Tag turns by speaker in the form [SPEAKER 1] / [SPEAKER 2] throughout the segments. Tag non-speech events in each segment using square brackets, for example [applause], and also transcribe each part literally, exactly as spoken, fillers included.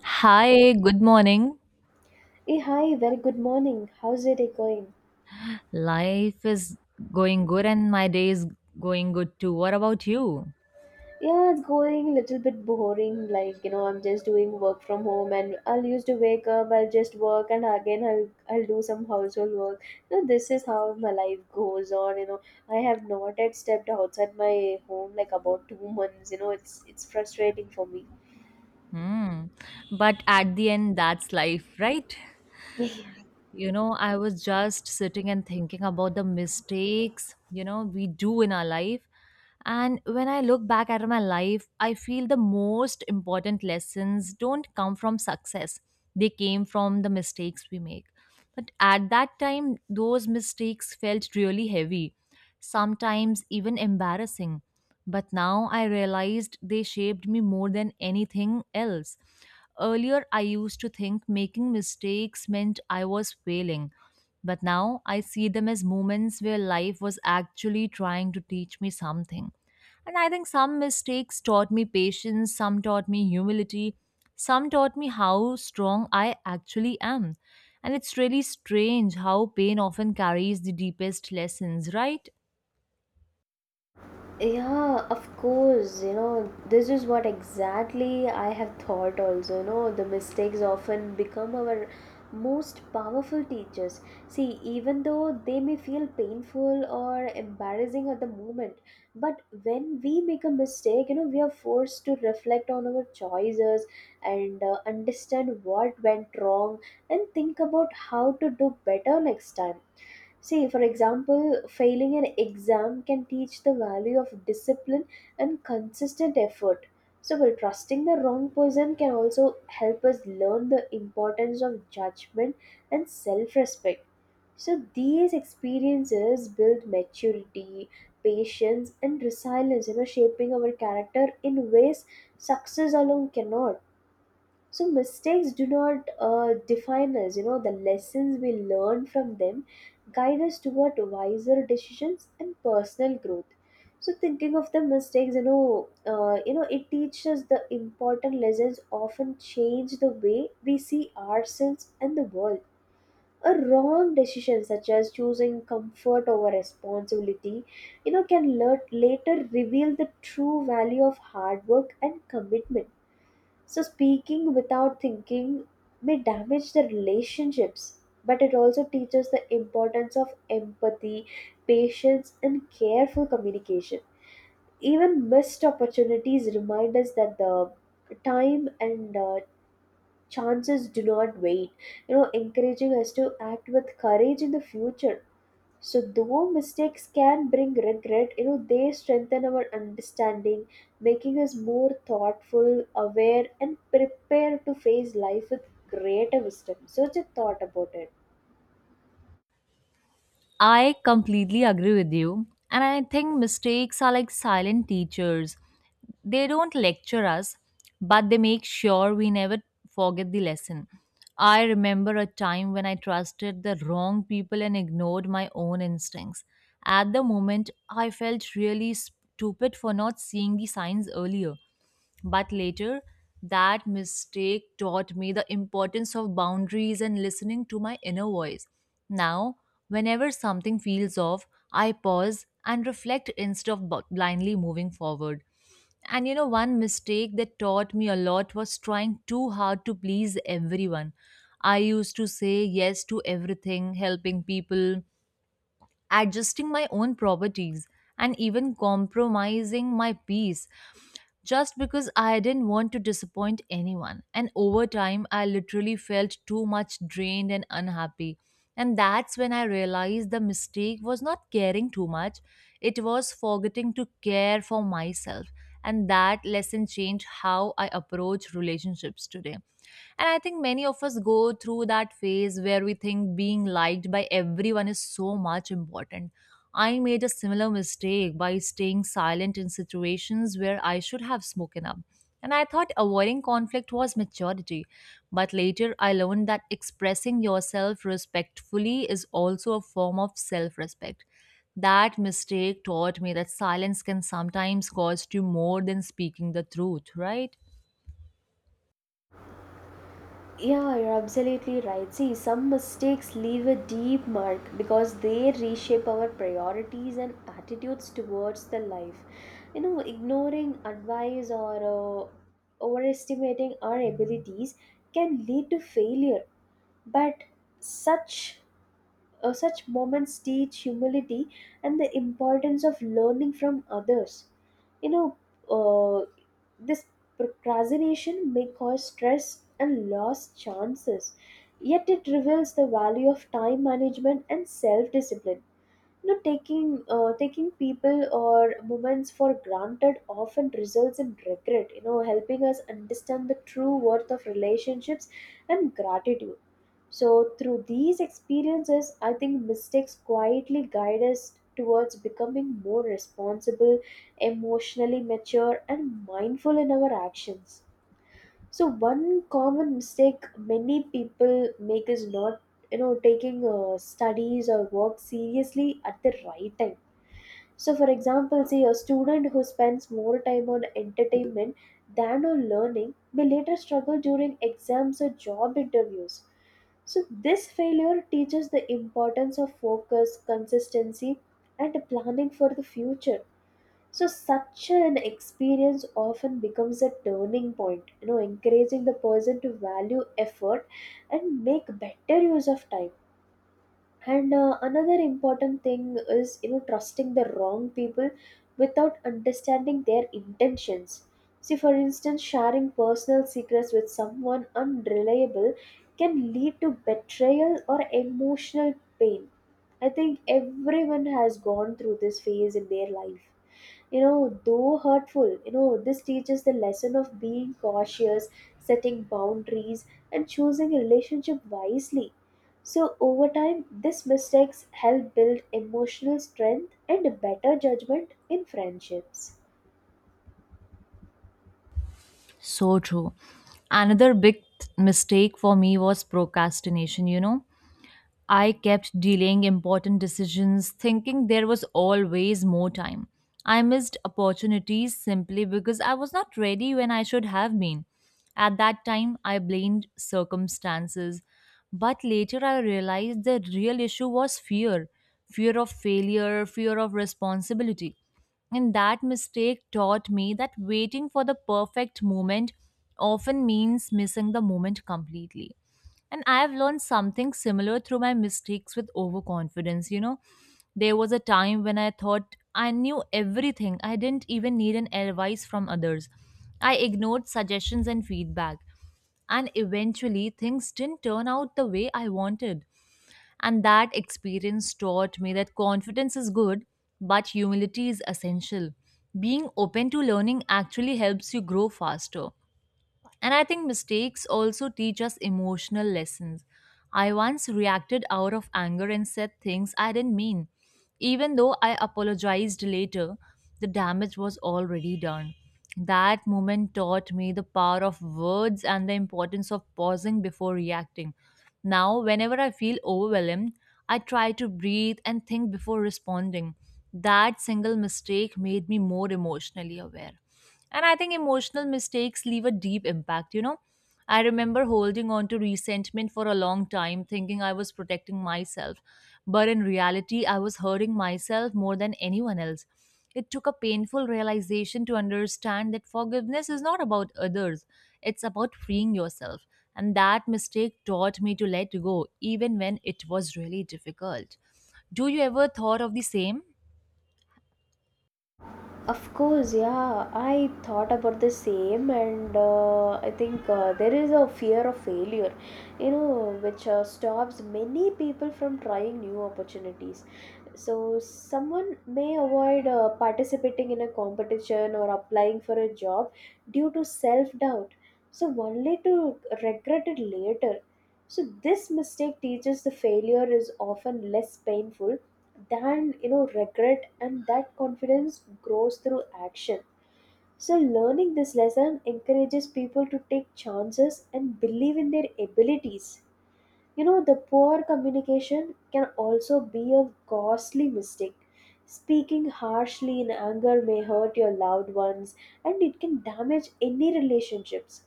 [SPEAKER 1] Hi, good morning.
[SPEAKER 2] Hey, hi, very good morning. How's your day going?
[SPEAKER 1] Life is going good and my day is going good too. What about you?
[SPEAKER 2] Yeah, it's going a little bit boring. Like, you know, I'm just doing work from home and I'll used to wake up, I'll just work and again I'll I'll do some household work. You know, this is how my life goes on, you know. I have not yet stepped outside my home like about two months, you know, it's it's frustrating for me.
[SPEAKER 1] Hmm. But at the end, that's life, right?
[SPEAKER 2] [laughs]
[SPEAKER 1] You know, I was just sitting and thinking about the mistakes, you know, we do in our life. And when I look back at my life, I feel the most important lessons don't come from success, they came from the mistakes we make. But at that time, those mistakes felt really heavy, sometimes even embarrassing. But now I realized they shaped me more than anything else. Earlier, I used to think making mistakes meant I was failing. But now I see them as moments where life was actually trying to teach me something. And I think some mistakes taught me patience, some taught me humility, some taught me how strong I actually am. And it's really strange how pain often carries the deepest lessons, right?
[SPEAKER 2] Yeah, of course, you know, this is what exactly I have thought also. You know, the mistakes often become our most powerful teachers. See, even though they may feel painful or embarrassing at the moment, but when we make a mistake, you know, we are forced to reflect on our choices and uh, understand what went wrong and think about how to do better next time. See, for example, failing an exam can teach the value of discipline and consistent effort. So, well, trusting the wrong person can also help us learn the importance of judgment and self respect. So, these experiences build maturity, patience, and resilience, you know, shaping our character in ways success alone cannot. So mistakes do not uh, define us. You know, the lessons we learn from them guide us toward wiser decisions and personal growth. So, thinking of the mistakes, you know uh, you know it teaches. The important lessons often change the way we see ourselves and the world. A wrong decision such as choosing comfort over responsibility, you know can lat- later reveal the true value of hard work and commitment. So speaking without thinking may damage the relationships, but it also teaches the importance of empathy, patience, and careful communication. Even missed opportunities remind us that the time and uh, chances do not wait, you know encouraging us to act with courage in the future. So, though mistakes can bring regret, you know they strengthen our understanding, making us more thoughtful, aware, and prepared to face life with greater wisdom. So just thought about it.
[SPEAKER 1] I completely agree with you. And I think mistakes are like silent teachers. They don't lecture us, but they make sure we never forget the lesson. I remember a time when I trusted the wrong people and ignored my own instincts. At the moment, I felt really stupid for not seeing the signs earlier. But later, that mistake taught me the importance of boundaries and listening to my inner voice. Now, whenever something feels off, I pause and reflect instead of bu- blindly moving forward. And you know, one mistake that taught me a lot was trying too hard to please everyone. I used to say yes to everything, helping people, adjusting my own properties, and even compromising my peace just because I didn't want to disappoint anyone. And over time, I literally felt too much drained and unhappy. And that's when I realized the mistake was not caring too much, it was forgetting to care for myself. And that lesson changed how I approach relationships today. And I think many of us go through that phase where we think being liked by everyone is so much important. I made a similar mistake by staying silent in situations where I should have spoken up. And I thought avoiding conflict was maturity. But later, I learned that expressing yourself respectfully is also a form of self respect. That mistake taught me that silence can sometimes cost you more than speaking the truth, right?
[SPEAKER 2] Yeah, you're absolutely right. See, some mistakes leave a deep mark because they reshape our priorities and attitudes towards the life. You know, ignoring advice or uh, overestimating our abilities can lead to failure, but such uh, such moments teach humility and the importance of learning from others. You know, uh, this procrastination may cause stress and lost chances, yet it reveals the value of time management and self-discipline. You know, taking uh, taking people or moments for granted often results in regret. You know, helping us understand the true worth of relationships and gratitude. So, through these experiences, I think mistakes quietly guide us towards becoming more responsible, emotionally mature, and mindful in our actions. So one common mistake many people make is not you know taking uh, studies or work seriously at the right time. So, for example, say a student who spends more time on entertainment than on learning may later struggle during exams or job interviews. So, this failure teaches the importance of focus, consistency, and planning for the future. So such an experience often becomes a turning point, you know, encouraging the person to value effort and make better use of time. And uh, another important thing is, you know, trusting the wrong people without understanding their intentions. See, for instance, sharing personal secrets with someone unreliable can lead to betrayal or emotional pain. I think everyone has gone through this phase in their life. You know though hurtful, you know this teaches the lesson of being cautious, setting boundaries, and choosing a relationship wisely. So over time, these mistakes help build emotional strength and better judgment in friendships.
[SPEAKER 1] So true. Another big th- mistake for me was procrastination, you know I kept delaying important decisions, thinking there was always more time. I missed opportunities simply because I was not ready when I should have been. At that time, I blamed circumstances. But later, I realized the real issue was fear: fear of failure, fear of responsibility. And that mistake taught me that waiting for the perfect moment often means missing the moment completely. And I have learned something similar through my mistakes with overconfidence. You know, there was a time when I thought I knew everything, I didn't even need an advice from others. I ignored suggestions and feedback. And eventually, things didn't turn out the way I wanted. And that experience taught me that confidence is good, but humility is essential. Being open to learning actually helps you grow faster. And I think mistakes also teach us emotional lessons. I once reacted out of anger and said things I didn't mean. Even though I apologized later, the damage was already done. That moment taught me the power of words and the importance of pausing before reacting. Now, whenever I feel overwhelmed, I try to breathe and think before responding. That single mistake made me more emotionally aware. And I think emotional mistakes leave a deep impact, you know. I remember holding on to resentment for a long time, thinking I was protecting myself. But in reality, I was hurting myself more than anyone else. It took a painful realization to understand that forgiveness is not about others, it's about freeing yourself. And that mistake taught me to let go, even when it was really difficult. Do you ever thought of the same?
[SPEAKER 2] Of course, yeah, I thought about the same, and uh, I think uh, there is a fear of failure, you know, which uh, stops many people from trying new opportunities. So, someone may avoid uh, participating in a competition or applying for a job due to self doubt, so only to regret it later. So, this mistake teaches the failure is often less painful than you know regret, and that confidence grows through action. So learning this lesson encourages people to take chances and believe in their abilities. You know the poor communication can also be a costly mistake. Speaking harshly in anger may hurt your loved ones, and it can damage any relationships.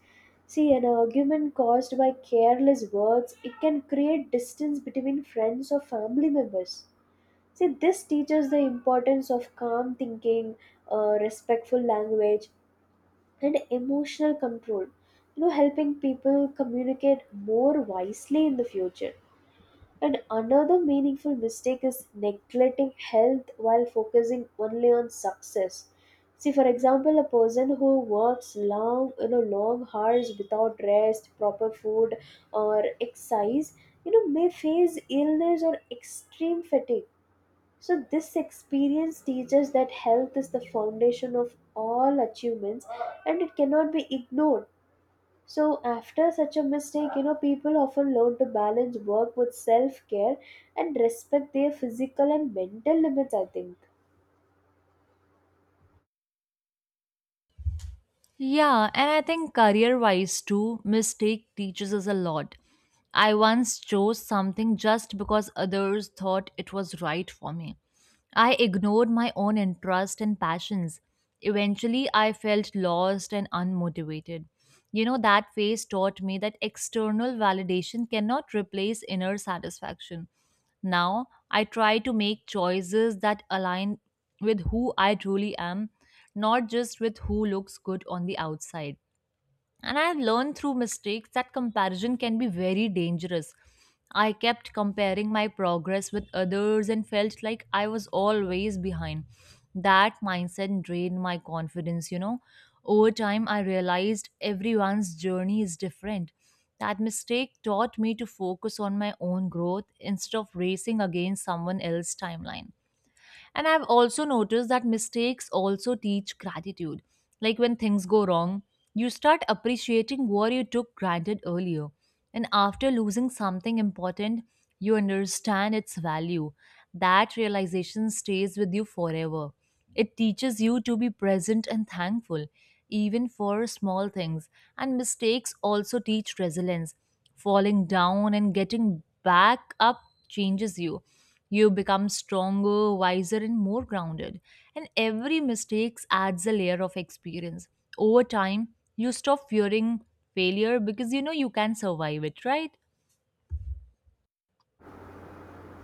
[SPEAKER 2] See, an argument caused by careless words, it can create distance between friends or family members. See, this teaches the importance of calm thinking, uh, respectful language, and emotional control. You know, helping people communicate more wisely in the future. And another meaningful mistake is neglecting health while focusing only on success. See, for example, a person who works long, you know, long hours without rest, proper food, or exercise, you know, may face illness or extreme fatigue. So, this experience teaches that health is the foundation of all achievements and it cannot be ignored. So, after such a mistake, you know, people often learn to balance work with self care and respect their physical and mental limits, I think.
[SPEAKER 1] Yeah, and I think career wise too, mistake teaches us a lot. I once chose something just because others thought it was right for me. I ignored my own interests and passions. Eventually, I felt lost and unmotivated. You know, that phase taught me that external validation cannot replace inner satisfaction. Now I try to make choices that align with who I truly am, not just with who looks good on the outside. And I have learned through mistakes that comparison can be very dangerous. I kept comparing my progress with others and felt like I was always behind. That mindset drained my confidence, you know. Over time, I realized everyone's journey is different. That mistake taught me to focus on my own growth instead of racing against someone else's timeline. And I've also noticed that mistakes also teach gratitude. Like when things go wrong, you start appreciating what you took granted earlier. And after losing something important, you understand its value. That realization stays with you forever. It teaches you to be present and thankful, even for small things. And mistakes also teach resilience. Falling down and getting back up changes you. You become stronger, wiser, and more grounded. And every mistake adds a layer of experience. Over time, you stop fearing failure because you know you can survive it, right?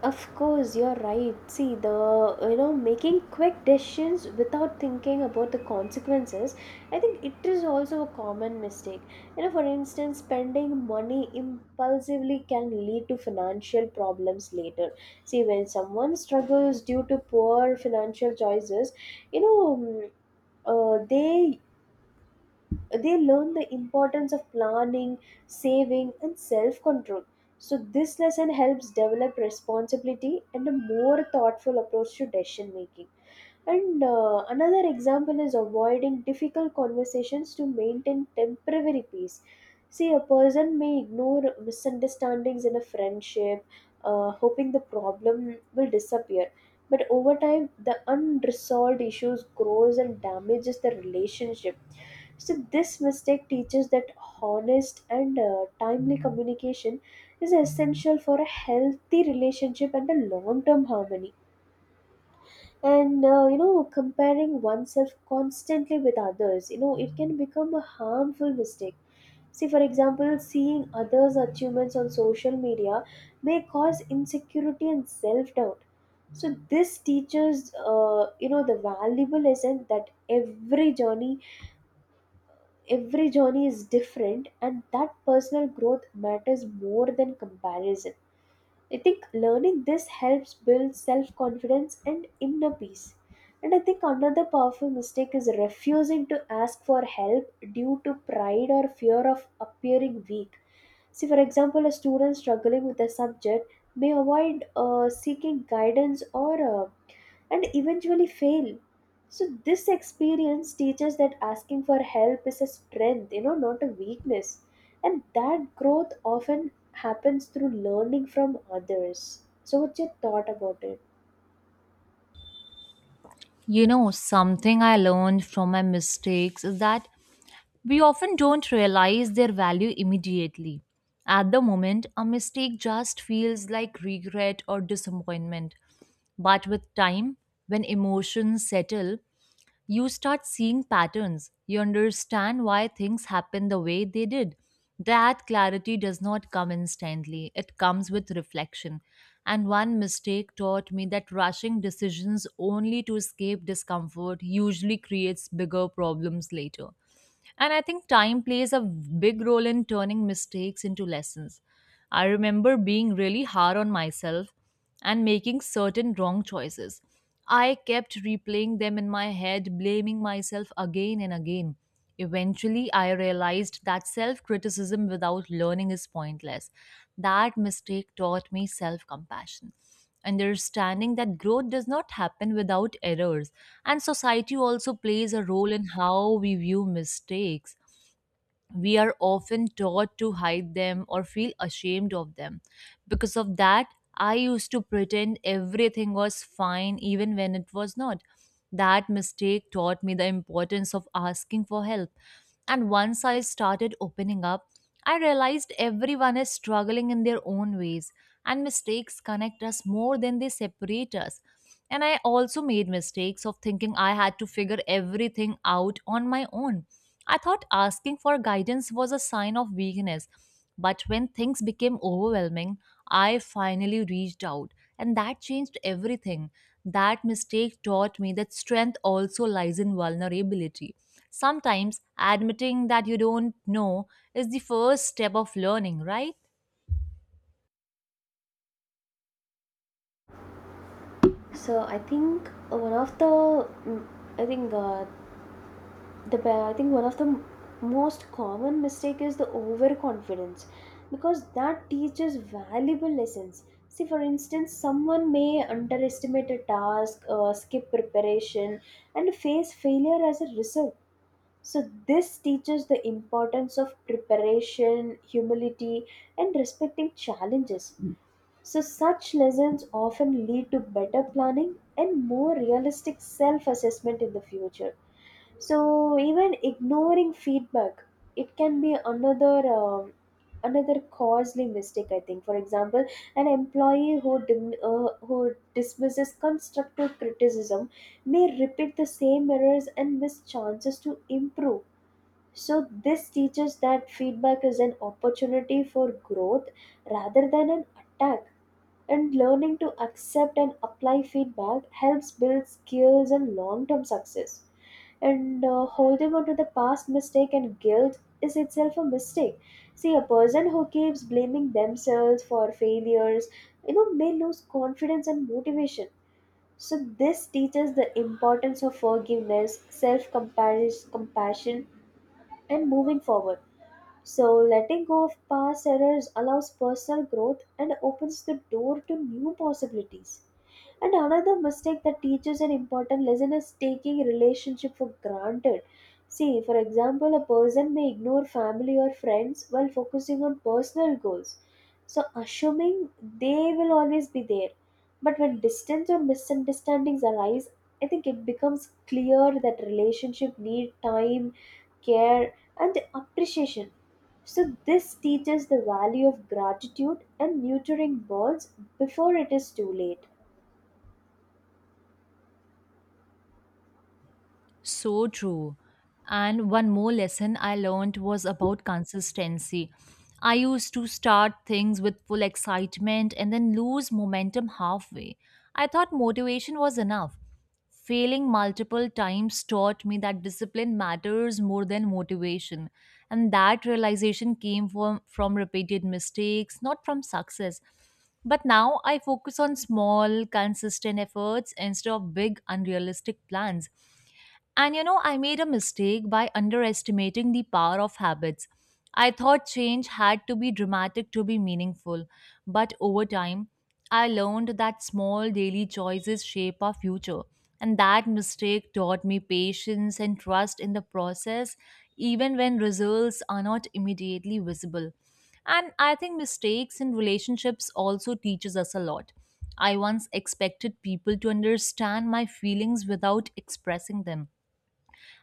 [SPEAKER 2] Of course, you're right. See, the you know making quick decisions without thinking about the consequences, I think it is also a common mistake. You know, for instance, spending money impulsively can lead to financial problems later. See, when someone struggles due to poor financial choices, you know, mm, uh, they they learn the importance of planning, saving, and self control. So, this lesson helps develop responsibility and a more thoughtful approach to decision making. And uh, another example is avoiding difficult conversations to maintain temporary peace. See, a person may ignore misunderstandings in a friendship, uh, hoping the problem will disappear. But over time, the unresolved issues grows and damages the relationship. So this mistake teaches that honest and uh, timely communication is essential for a healthy relationship and a long-term harmony. And uh, you know, comparing oneself constantly with others, you know, it can become a harmful mistake. See, for example, seeing others' achievements on social media may cause insecurity and self-doubt. So this teaches, uh, you know, the valuable lesson that every journey every journey is different and that personal growth matters more than comparison. I think learning this helps build self-confidence and inner peace. And I think another powerful mistake is refusing to ask for help due to pride or fear of appearing weak. See, for example, a student struggling with a subject may avoid uh, seeking guidance or uh, and eventually fail. So this experience teaches that asking for help is a strength, you know, not a weakness. And that growth often happens through learning from others. So what's your thought about it?
[SPEAKER 1] You know, something I learned from my mistakes is that we often don't realize their value immediately. At the moment, a mistake just feels like regret or disappointment. But with time, when emotions settle, you start seeing patterns. You understand why things happen the way they did. That clarity does not come instantly, it comes with reflection. And one mistake taught me that rushing decisions only to escape discomfort usually creates bigger problems later. And I think time plays a big role in turning mistakes into lessons. I remember being really hard on myself and making certain wrong choices. I kept replaying them in my head, blaming myself again and again. Eventually, I realized that self criticism without learning is pointless. That mistake taught me self compassion, understanding that growth does not happen without errors. And society also plays a role in how we view mistakes. We are often taught to hide them or feel ashamed of them. Because of that, I used to pretend everything was fine even when it was not. That mistake taught me the importance of asking for help. And once I started opening up, I realized everyone is struggling in their own ways, and mistakes connect us more than they separate us. And I also made mistakes of thinking I had to figure everything out on my own. I thought asking for guidance was a sign of weakness, but when things became overwhelming, I finally reached out, and that changed everything. That mistake taught me that strength also lies in vulnerability. Sometimes admitting that you don't know is the first step of learning, right?
[SPEAKER 2] So I think one of the mm, I think uh, the be- I think one of the m- most common mistake is the overconfidence, because that teaches valuable lessons. See, for instance, someone may underestimate a task, uh, skip preparation and face failure as a result. So this teaches the importance of preparation, humility, and respecting challenges. So, such lessons often lead to better planning and more realistic self assessment in the future. So, even ignoring feedback, it can be another. um another costly mistake, I think. For example, an employee who dim, uh, who dismisses constructive criticism may repeat the same errors and miss chances to improve. So this teaches that feedback is an opportunity for growth rather than an attack. And learning to accept and apply feedback helps build skills and long-term success. And uh, holding on to the past mistake and guilt is itself a mistake. See, a person who keeps blaming themselves for failures, you know may lose confidence and motivation. So this teaches the importance of forgiveness, self compassion, and moving forward. So, letting go of past errors allows personal growth and opens the door to new possibilities. And another mistake that teaches an important lesson is taking relationship for granted. See, for example, a person may ignore family or friends while focusing on personal goals. So, assuming they will always be there. But when distance or misunderstandings arise, I think it becomes clear that relationship need time, care, and appreciation. So, this teaches the value of gratitude and nurturing birds before it is too late.
[SPEAKER 1] So true. And one more lesson I learned was about consistency. I used to start things with full excitement and then lose momentum halfway. I thought motivation was enough. Failing multiple times taught me that discipline matters more than motivation. And that realization came from, from repeated mistakes, not from success. But now I focus on small, consistent efforts instead of big, unrealistic plans. And you know, I made a mistake by underestimating the power of habits. I thought change had to be dramatic to be meaningful, but over time, I learned that small daily choices shape our future. And that mistake taught me patience and trust in the process, even when results are not immediately visible. And I think mistakes in relationships also teaches us a lot. I once expected people to understand my feelings without expressing them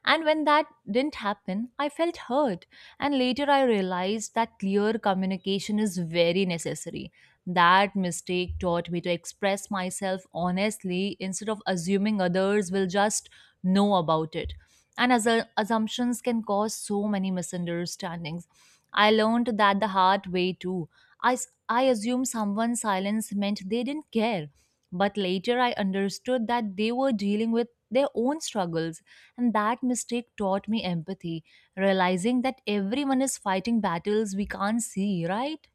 [SPEAKER 1] and when that didn't happen, I felt hurt. And later I realized that clear communication is very necessary. That mistake taught me to express myself honestly instead of assuming others will just know about it and assu- assumptions can cause so many misunderstandings. I learned that the hard way too. I, s- I assumed someone's silence meant they didn't care. But later I understood that they were dealing with their own struggles, and that mistake taught me empathy, realizing that everyone is fighting battles we can't see, right?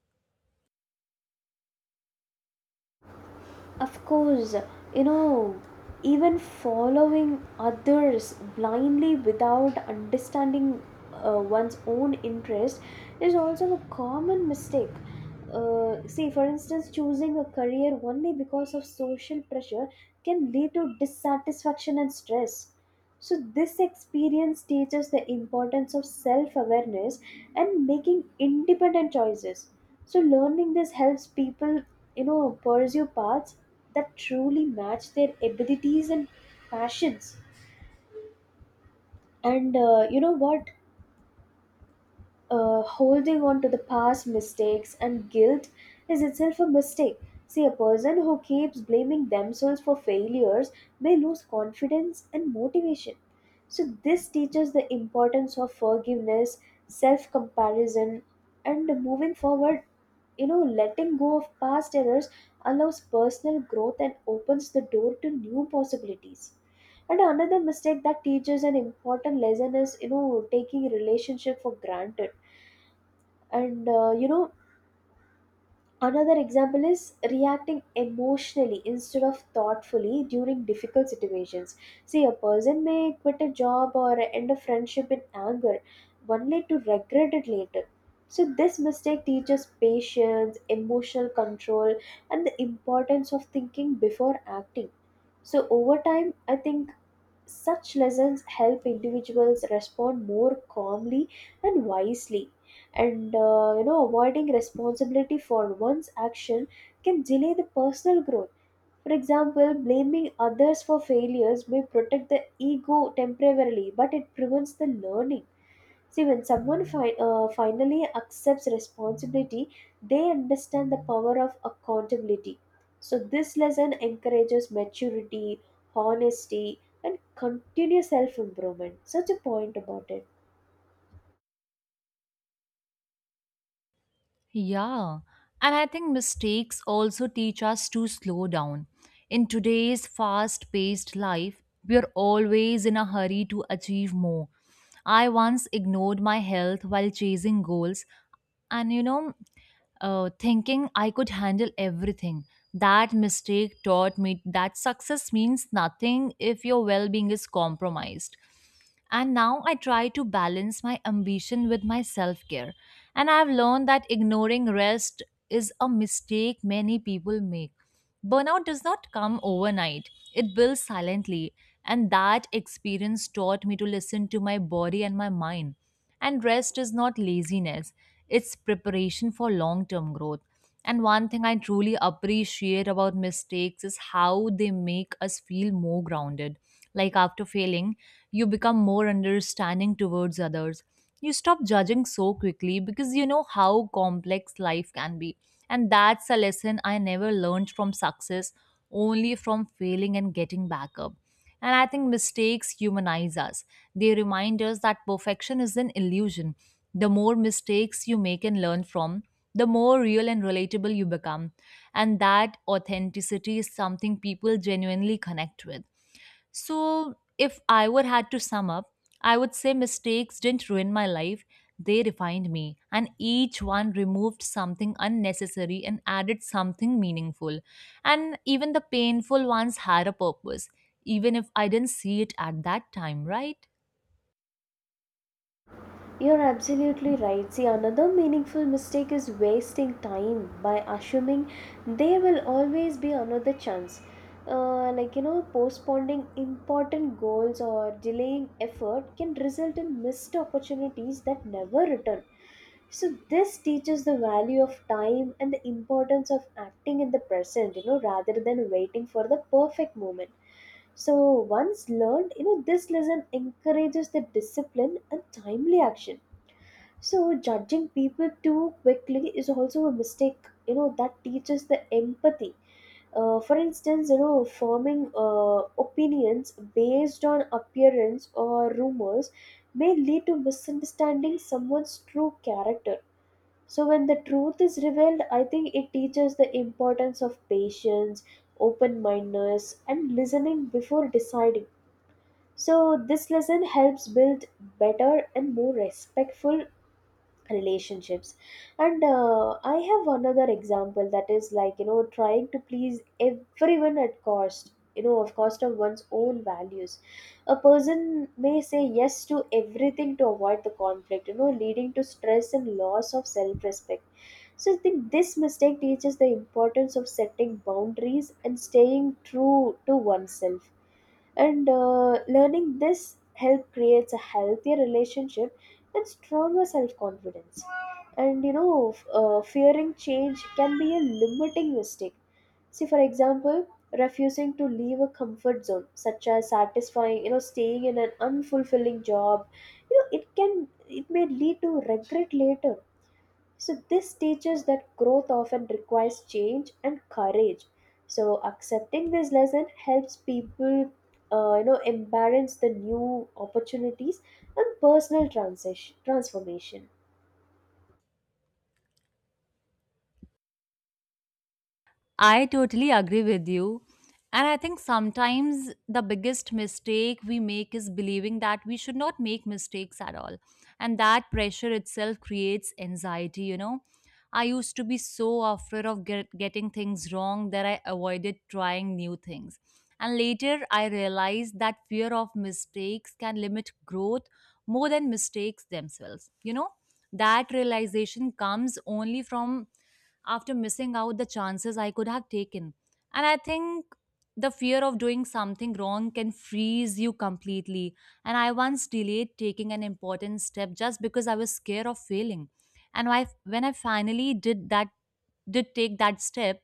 [SPEAKER 2] Of course, you know, even following others blindly without understanding uh, one's own interest is also a common mistake. Uh, see, for instance, choosing a career only because of social pressure can lead to dissatisfaction and stress. So, this experience teaches the importance of self awareness and making independent choices. So, learning this helps people, you know, pursue paths that truly match their abilities and passions. And uh, you know what? uh, holding on to the past mistakes and guilt is itself a mistake. See, a person who keeps blaming themselves for failures may lose confidence and motivation. So, this teaches the importance of forgiveness, self comparison, and moving forward. You know, letting go of past errors allows personal growth and opens the door to new possibilities. And another mistake that teaches an important lesson is, you know, taking relationship for granted and uh, you know, another example is reacting emotionally instead of thoughtfully during difficult situations. See, a person may quit a job or end a friendship in anger, only to regret it later. So, this mistake teaches patience, emotional control, and the importance of thinking before acting. So, over time, I think such lessons help individuals respond more calmly and wisely. And uh, you know, avoiding responsibility for one's action can delay the personal growth. For example, blaming others for failures may protect the ego temporarily, but it prevents the learning. See, when someone fi- uh, finally accepts responsibility, they understand the power of accountability. So, this lesson encourages maturity, honesty, and continuous self improvement. Such a point about it.
[SPEAKER 1] Yeah, and I think mistakes also teach us to slow down. In today's fast paced life, we are always in a hurry to achieve more. I once ignored my health while chasing goals, and you know, uh, thinking I could handle everything. That mistake taught me that success means nothing if your well being is compromised. And now I try to balance my ambition with my self care. And I've learned that ignoring rest is a mistake many people make. Burnout does not come overnight, it builds silently. And that experience taught me to listen to my body and my mind. And rest is not laziness, it's preparation for long term growth. And one thing I truly appreciate about mistakes is how they make us feel more grounded. Like after failing, you become more understanding towards others. You stop judging so quickly because you know how complex life can be. And that's a lesson I never learned from success, only from failing and getting back up. And I think mistakes humanize us. They remind us that perfection is an illusion. The more mistakes you make and learn from, the more real and relatable you become. And that authenticity is something people genuinely connect with. So, if I were had to sum up, I would say mistakes didn't ruin my life, they refined me. And each one removed something unnecessary and added something meaningful. And even the painful ones had a purpose, even if I didn't see it at that time, right?
[SPEAKER 2] You're absolutely right. See, another meaningful mistake is wasting time by assuming there will always be another chance. Uh, like you know postponing important goals or delaying effort can result in missed opportunities that never return, so this teaches the value of time and the importance of acting in the present, you know rather than waiting for the perfect moment. So once learned, you know this lesson encourages the discipline and timely action. So judging people too quickly is also a mistake, you know that teaches the empathy. Uh, for instance, you know, forming uh, opinions based on appearance or rumors may lead to misunderstanding someone's true character. So, when the truth is revealed, I think it teaches the importance of patience, open mindedness, and listening before deciding. So, this lesson helps build better and more respectful relationships. And uh, I have another example that is like, you know trying to please everyone at cost, you know of cost of one's own values. A person may say yes to everything to avoid the conflict, you know leading to stress and loss of self respect. So I think this mistake teaches the importance of setting boundaries and staying true to oneself. And uh, learning this help creates a healthier relationship and stronger self-confidence. And you know f- uh, fearing change can be a limiting mistake. See, for example, refusing to leave a comfort zone, such as satisfying, you know staying in an unfulfilling job, you know it can it may lead to regret later. So, this teaches that growth often requires change and courage. So, accepting this lesson helps people, uh, you know, embrace the new opportunities and personal transition, transformation.
[SPEAKER 1] I totally agree with you. And I think sometimes the biggest mistake we make is believing that we should not make mistakes at all. And that pressure itself creates anxiety, you know. I used to be so afraid of get, getting things wrong that I avoided trying new things. And later I realized that fear of mistakes can limit growth more than mistakes themselves, you know. That realization comes only from after missing out the chances I could have taken. And I think the fear of doing something wrong can freeze you completely. And I once delayed taking an important step just because I was scared of failing. And I, when I finally did that, did take that step,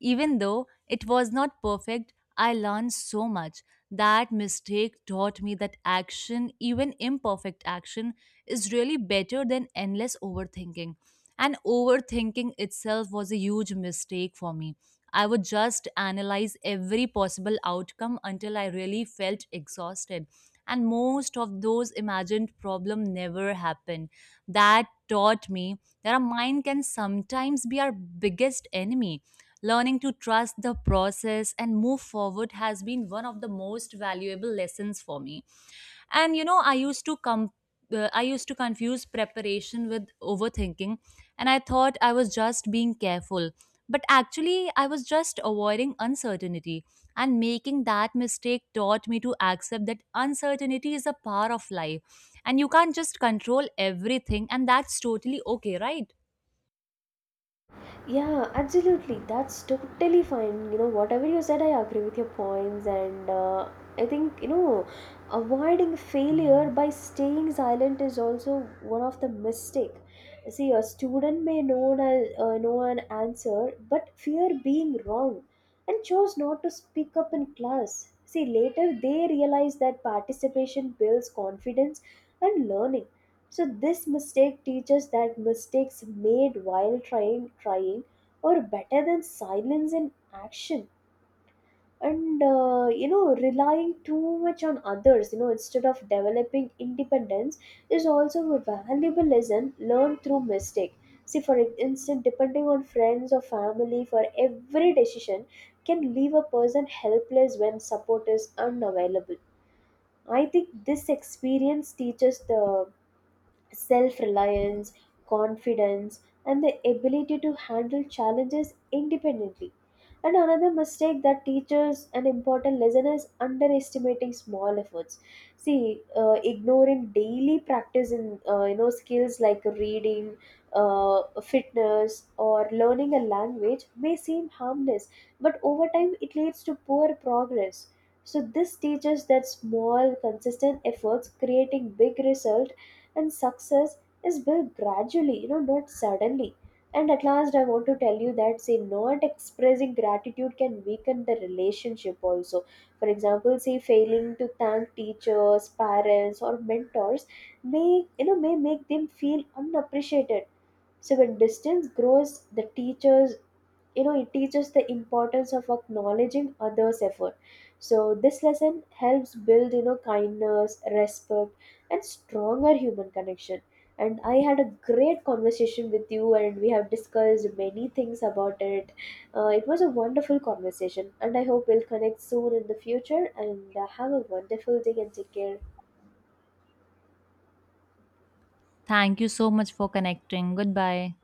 [SPEAKER 1] even though it was not perfect, I learned so much. That mistake taught me that action, even imperfect action, is really better than endless overthinking. And overthinking itself was a huge mistake for me. I would just analyze every possible outcome until I really felt exhausted. And most of those imagined problems never happened. That taught me that our mind can sometimes be our biggest enemy. Learning to trust the process and move forward has been one of the most valuable lessons for me. And you know, I used to come. Uh, I used to confuse preparation with overthinking, and I thought I was just being careful. But actually, I was just avoiding uncertainty. And making that mistake taught me to accept that uncertainty is a part of life, and you can't just control everything, and that's totally okay, right?
[SPEAKER 2] Yeah, absolutely. That's totally fine. You know, whatever you said, I agree with your points. And uh, I think, you know, avoiding failure by staying silent is also one of the mistake. See, a student may know an, uh, know an answer, but fear being wrong and chose not to speak up in class. See, later they realize that participation builds confidence and learning. So this mistake teaches that mistakes made while trying trying are better than silence in action. And uh, you know, relying too much on others, you know, instead of developing independence, is also a valuable lesson learned through mistake. See, for instance, depending on friends or family for every decision can leave a person helpless when support is unavailable. I think this experience teaches the self reliance, confidence, and the ability to handle challenges independently. And another mistake that teachers an important lesson is underestimating small efforts. See, uh, ignoring daily practice in uh, you know skills like reading, uh, fitness, or learning a language may seem harmless, but over time it leads to poor progress. So this teaches that small, consistent efforts creating big result and success is built gradually, you know not suddenly. And at last I want to tell you that, say, not expressing gratitude can weaken the relationship also. For example, say failing to thank teachers, parents, or mentors may, you know may make them feel unappreciated. So when distance grows, the teachers, you know it teaches the importance of acknowledging others effort. So this lesson helps build, you know kindness, respect, and stronger human connection. And I had a great conversation with you and we have discussed many things about it. Uh, it was a wonderful conversation and I hope we'll connect soon in the future, and uh, have a wonderful day and take care.
[SPEAKER 1] Thank you so much for connecting. Goodbye.